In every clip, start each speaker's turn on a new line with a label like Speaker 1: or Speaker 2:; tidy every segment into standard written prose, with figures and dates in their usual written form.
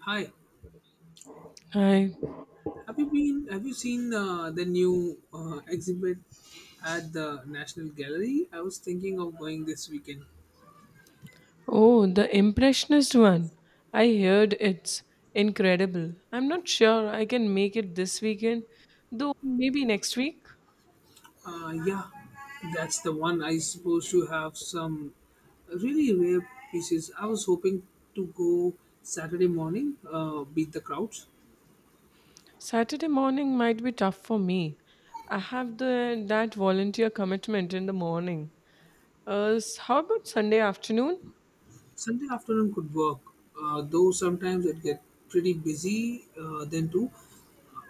Speaker 1: Hi,
Speaker 2: I
Speaker 1: have you been? Have you seen the new exhibit at the National Gallery? I was thinking of going this weekend.
Speaker 2: Oh, the impressionist one. I heard it's incredible. I'm not sure I can make it this weekend, though maybe next week.
Speaker 1: Yeah, that's the one. I supposed to have some really rare pieces. I was hoping to go Saturday morning, beat the crowds.
Speaker 2: Saturday morning might be tough for me. I have the that volunteer commitment in the morning. How about Sunday afternoon?
Speaker 1: Sunday afternoon could work, though sometimes it get pretty busy then too.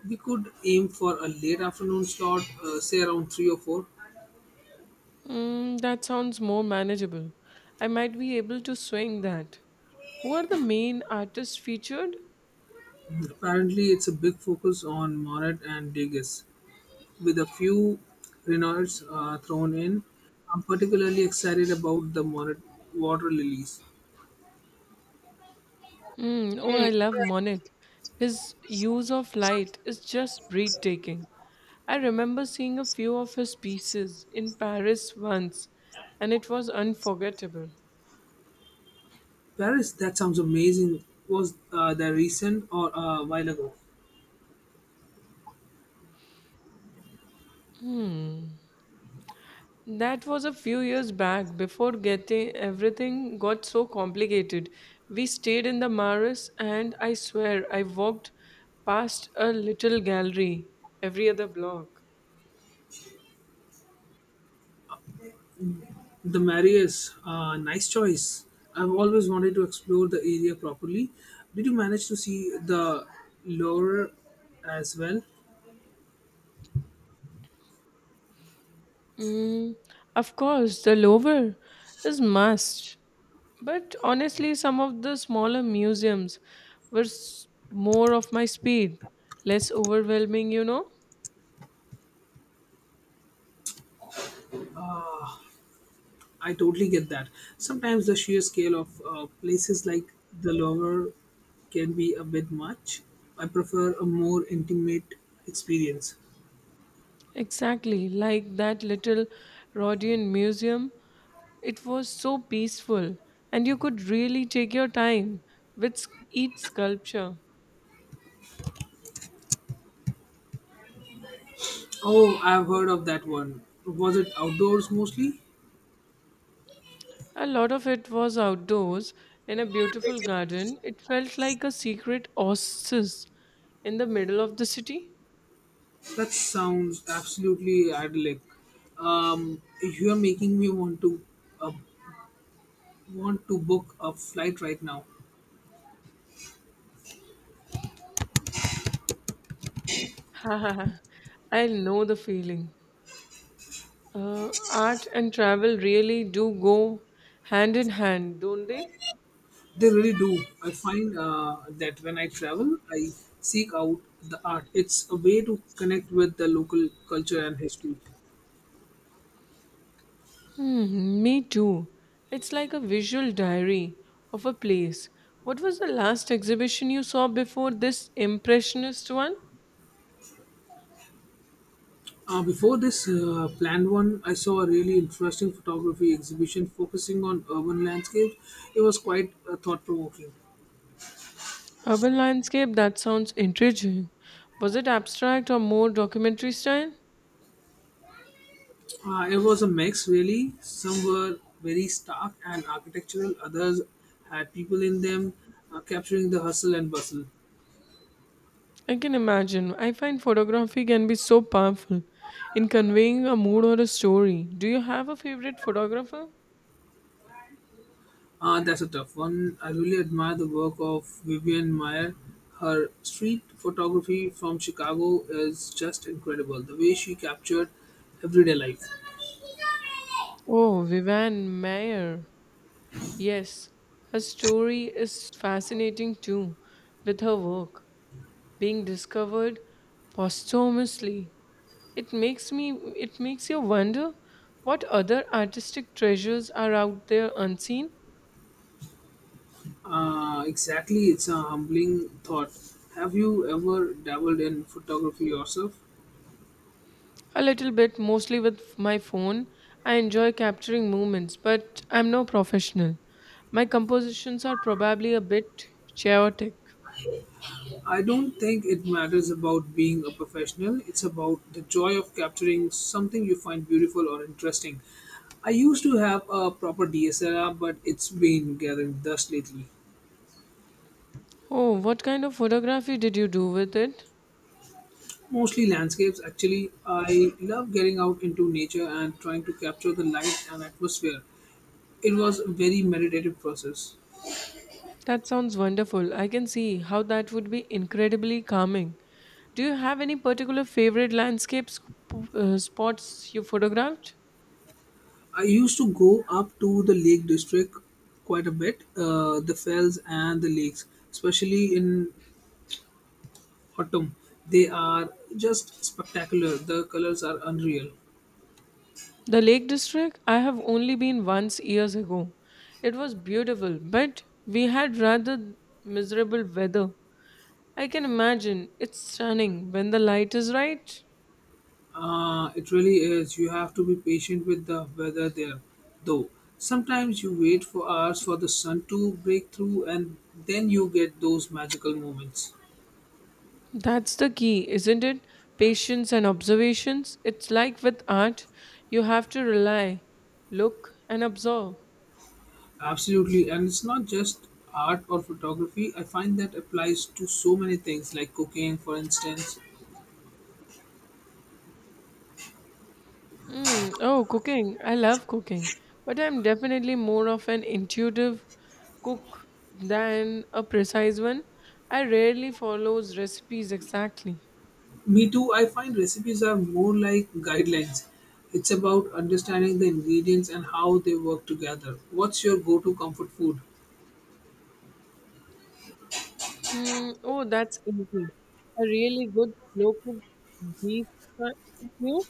Speaker 1: We could aim for a late afternoon slot, say around three or four.
Speaker 2: Mm, that sounds more manageable. I might be able to swing that. Who are the main artists featured?
Speaker 1: Apparently, it's a big focus on Moret and Degas, with a few Reynolds thrown in. I'm particularly excited about the Moret water lilies.
Speaker 2: Mm, oh, I love Monet. His use of light is just breathtaking. I remember seeing a few of his pieces in Paris once, and it was unforgettable.
Speaker 1: Paris, that sounds amazing. Was that recent or a while ago?
Speaker 2: That was a few years back before getting everything got so complicated. We stayed in the Maris, and I swear I walked past a little gallery every other block.
Speaker 1: The Marius, nice choice. I've always wanted to explore the area properly. Did you manage to see the Loire as well?
Speaker 2: Mm, of course, the lower is must. But honestly, some of the smaller museums were more of my speed, less overwhelming, you know?
Speaker 1: I totally get that. Sometimes the sheer scale of places like the Louvre can be a bit much. I prefer a more intimate experience.
Speaker 2: Exactly, like that little Rodian museum. It was so peaceful, and you could really take your time with each sculpture.
Speaker 1: Oh, I've heard of that one. Was it outdoors mostly?
Speaker 2: A lot of it was outdoors in a beautiful garden. It felt like a secret oasis in the middle of the city.
Speaker 1: That sounds absolutely idyllic. You are making me uh, want to book a flight right now.
Speaker 2: I know the feeling. Art and travel really do go hand in hand, don't they?
Speaker 1: They really do. I find that when I travel, I seek out the art. It's a way to connect with the local culture and history.
Speaker 2: Hmm, me too. It's like a visual diary of a place. What was the last exhibition you saw before this impressionist one?
Speaker 1: Before this planned one, I saw a really interesting photography exhibition focusing on urban landscapes. It was quite thought provoking.
Speaker 2: Urban landscape, that sounds intriguing. Was it abstract or more documentary style?
Speaker 1: It was a mix, really. Some were very stark and architectural, others had people in them capturing the hustle and bustle.
Speaker 2: I can imagine. I find photography can be so powerful in conveying a mood or a story. Do you have a favorite photographer?
Speaker 1: Ah, that's a tough one. I really admire the work of Vivian Meyer. Her street photography from Chicago is just incredible. The way she captured everyday life.
Speaker 2: Oh, Vivian Mayer. Yes, her story is fascinating too, with her work being discovered posthumously. It makes me it makes you wonder what other artistic treasures are out there unseen.
Speaker 1: Exactly, it's a humbling thought. Have you ever dabbled in photography yourself?
Speaker 2: A little bit, mostly with my phone. I enjoy capturing moments, but I'm no professional. My compositions are probably a bit chaotic.
Speaker 1: I don't think it matters about being a professional. It's about the joy of capturing something you find beautiful or interesting. I used to have a proper DSLR, but it's been gathering dust lately.
Speaker 2: Oh, what kind of photography did you do with it?
Speaker 1: Mostly landscapes, actually. I love getting out into nature and trying to capture the light and atmosphere. It was a very meditative process.
Speaker 2: That sounds wonderful. I can see how that would be incredibly calming. Do you have any particular favorite landscapes spots you photographed?
Speaker 1: I used to go up to the Lake District quite a bit, the fells and the lakes, especially in autumn. They are just spectacular. The colors are unreal.
Speaker 2: The Lake District, I have only been once years ago. It was beautiful, but we had rather miserable weather. I can imagine. It's stunning when the light is right.
Speaker 1: It really is. You have to be patient with the weather there, though. Sometimes you wait for hours for the sun to break through, and then you get those magical moments.
Speaker 2: That's the key, isn't it? Patience and observations. It's like with art, you have to rely, look, and absorb.
Speaker 1: Absolutely, and it's not just art or photography. I find that applies to so many things, like cooking, for instance.
Speaker 2: Mm, oh, cooking. I love cooking, but I'm definitely more of an intuitive cook than a precise one. I rarely follows recipes exactly.
Speaker 1: Me too. I find recipes are more like guidelines. It's about understanding the ingredients and how they work together. What's your go-to comfort food?
Speaker 2: Hmm. Oh, that's easy. A really good slow cooked beef stew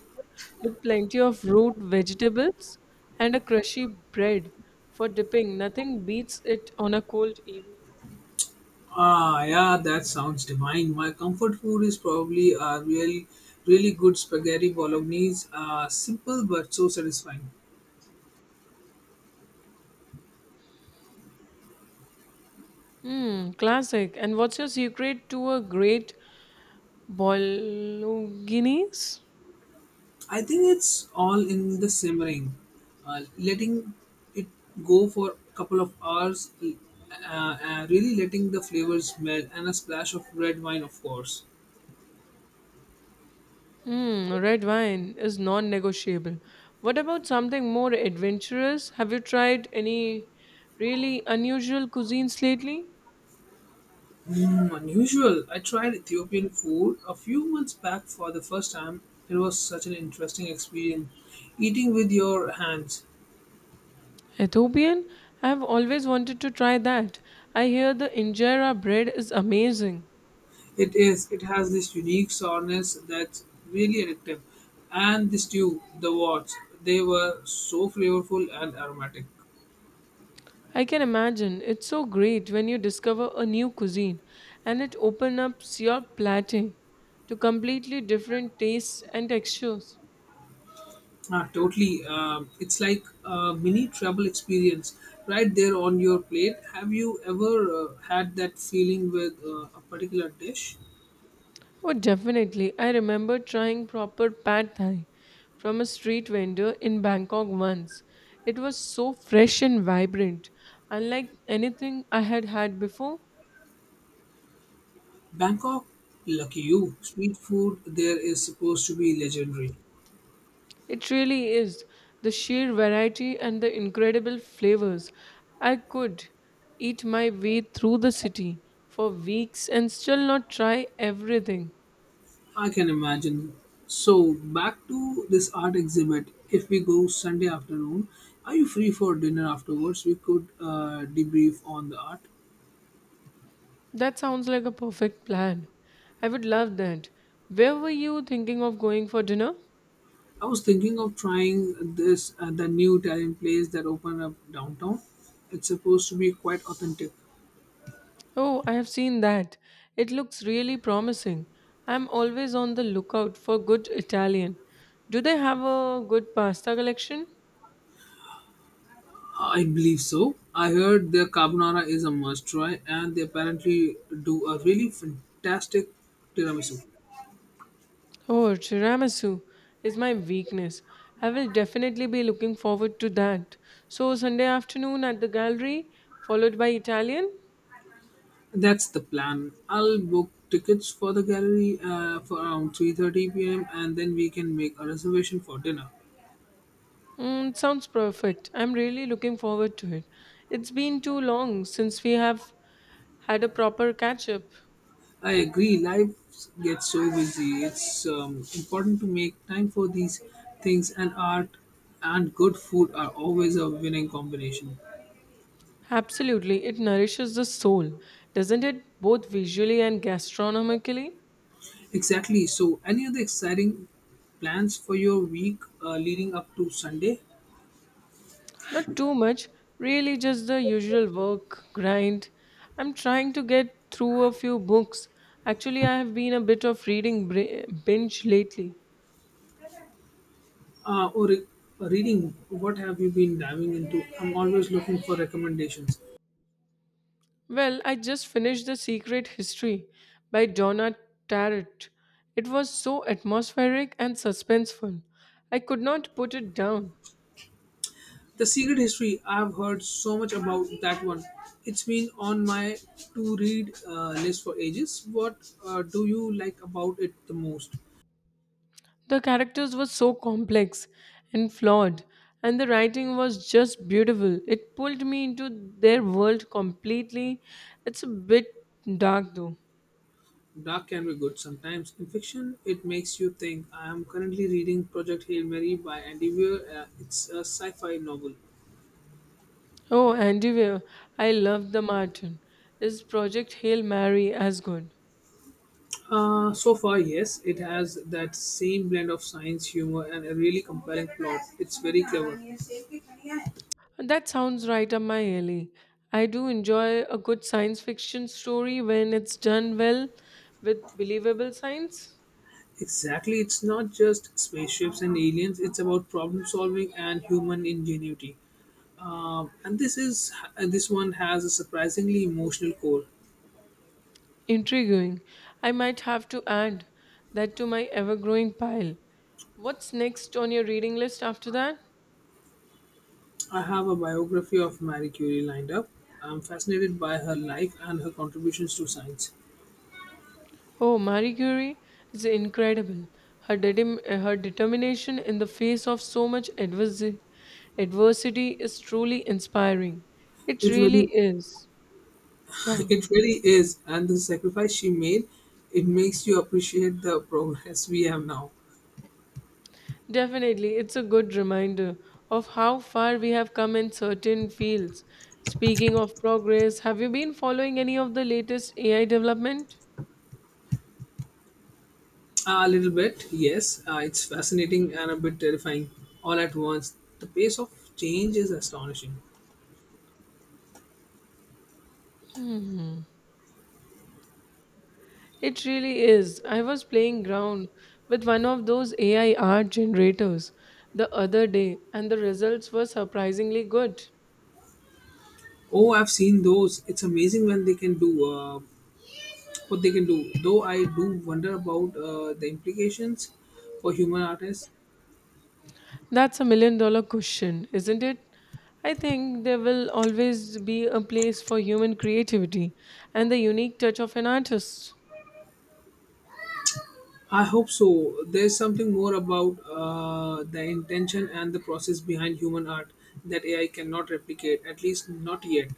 Speaker 2: with plenty of root vegetables and a crushy bread for dipping. Nothing beats it on a cold evening.
Speaker 1: Ah, yeah, that sounds divine. My comfort food is probably a real, really good spaghetti bolognese. Simple but so satisfying.
Speaker 2: Hmm. Classic. And what's your secret to a great bolognese?
Speaker 1: I think it's all in the simmering, letting it go for a couple of hours, really letting the flavors melt, and a splash of red wine, of course.
Speaker 2: Hmm. Red wine is non-negotiable. What about something more adventurous? Have you tried any really unusual cuisines lately?
Speaker 1: Mm, unusual. I tried Ethiopian food a few months back for the first time. It was such an interesting experience eating with your hands.
Speaker 2: Ethiopian? I've always wanted to try that. I hear the injera bread is amazing.
Speaker 1: It is. It has this unique soreness that's really addictive. And the stew, the wats, they were so flavorful and aromatic.
Speaker 2: I can imagine. It's so great when you discover a new cuisine and it opens up your platter to completely different tastes and textures.
Speaker 1: Ah, totally. It's like a mini travel experience right there on your plate. Have you ever had that feeling with a particular dish?
Speaker 2: Oh, definitely. I remember trying proper pad thai from a street vendor in Bangkok once. It was so fresh and vibrant, unlike anything I had had before.
Speaker 1: Bangkok, lucky you. Street food there is supposed to be legendary.
Speaker 2: It really is. The sheer variety and the incredible flavors. I could eat my way through the city for weeks and still not try everything.
Speaker 1: I can imagine. So, back to this art exhibit. If we go Sunday afternoon, are you free for dinner afterwards? We could debrief on the art.
Speaker 2: That sounds like a perfect plan. I would love that. Where were you thinking of going for dinner?
Speaker 1: I was thinking of trying this the new Italian place that opened up downtown. It's supposed to be quite authentic.
Speaker 2: Oh, I have seen that. It looks really promising. I'm always on the lookout for good Italian. Do they have a good pasta collection?
Speaker 1: I believe so. I heard their carbonara is a must try, and they apparently do a really fantastic tiramisu.
Speaker 2: Oh, tiramisu is my weakness. I will definitely be looking forward to that. So, Sunday afternoon at the gallery, followed by Italian?
Speaker 1: That's the plan. I'll book tickets for the gallery for around 3:30 p.m. and then we can make a reservation for dinner.
Speaker 2: Mm, sounds perfect. I'm really looking forward to it. It's been too long since we have had a proper catch up.
Speaker 1: I agree. Life gets so busy. It's important to make time for these things, and art and good food are always a winning combination.
Speaker 2: Absolutely, it nourishes the soul, doesn't it? Both visually and gastronomically.
Speaker 1: Exactly. So, any other exciting plans for your week leading up to Sunday?
Speaker 2: Not too much, really, just the usual work grind. I'm trying to get through a few books. Actually, I have been a bit of reading binge lately.
Speaker 1: Uh, or re- reading? What have you been diving into? I'm always looking for recommendations.
Speaker 2: Well, I just finished The Secret History by Donna Tartt. It was so atmospheric and suspenseful. I could not put it down.
Speaker 1: The Secret History, I've heard so much about that one. It's been on my to read list for ages. What do you like about it the most?
Speaker 2: The characters were so complex and flawed, and the writing was just beautiful. It pulled me into their world completely. It's a bit dark though.
Speaker 1: Dark can be good sometimes. In fiction, it makes you think. I am currently reading Project Hail Mary by Andy Weir. It's a sci fi novel.
Speaker 2: Oh, Andy Weir, I love the Martin. Is Project Hail Mary as good?
Speaker 1: So far, yes, it has that same blend of science, humor, and a really compelling plot. It's very clever.
Speaker 2: That sounds right up my alley. I do enjoy a good science fiction story when it's done well with believable science.
Speaker 1: Exactly, it's not just spaceships and aliens. It's about problem solving and human ingenuity. And this one has a surprisingly emotional core.
Speaker 2: Intriguing. I might have to add that to my ever growing pile. What's next on your reading list after that?
Speaker 1: I have a biography of Marie Curie lined up. I'm fascinated by her life and her contributions to science.
Speaker 2: Oh, Marie Curie is incredible. Her determination in the face of so much adversity is truly inspiring. It
Speaker 1: It
Speaker 2: really
Speaker 1: really,
Speaker 2: is. Yeah,
Speaker 1: it really is, and the sacrifice she made, it makes you appreciate the progress we have now.
Speaker 2: definitely. It's a good reminder of how far we have come in certain fields. Speaking of progress, have you been following any of the latest AI development?
Speaker 1: A little bit, yes. It's fascinating and a bit terrifying all at once. The pace of change is astonishing.
Speaker 2: It really is. I was playing ground with one of those AI art generators the other day, and the results were surprisingly good.
Speaker 1: Oh, I've seen those. It's amazing when they can do what they can do. Though I do wonder about the implications for human artists.
Speaker 2: That's a million dollar question, isn't it? I think there will always be a place for human creativity and the unique touch of an artist.
Speaker 1: I hope so. There's something more about the intention and the process behind human art that AI cannot replicate, at least not yet.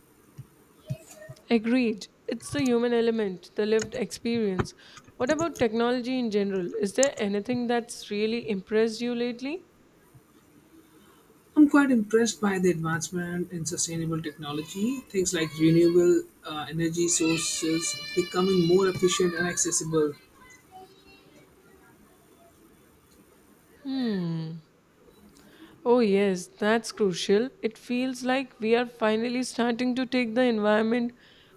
Speaker 2: Agreed. It's the human element, the lived experience. What about technology in general? Is there anything that's really impressed you lately?
Speaker 1: I'm quite impressed by the advancement in sustainable technology. Things like renewable energy sources becoming more efficient and accessible.
Speaker 2: Hmm. Oh, yes, that's crucial. It feels like we are finally starting to take the environment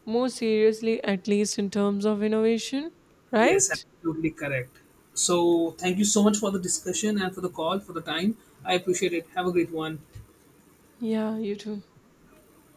Speaker 2: more seriously, at least in terms of innovation,
Speaker 1: Yes,
Speaker 2: right?
Speaker 1: absolutely correct. So, thank you so much for the discussion and for the call, for the time. I appreciate it. Have a great one.
Speaker 2: Yeah, you too.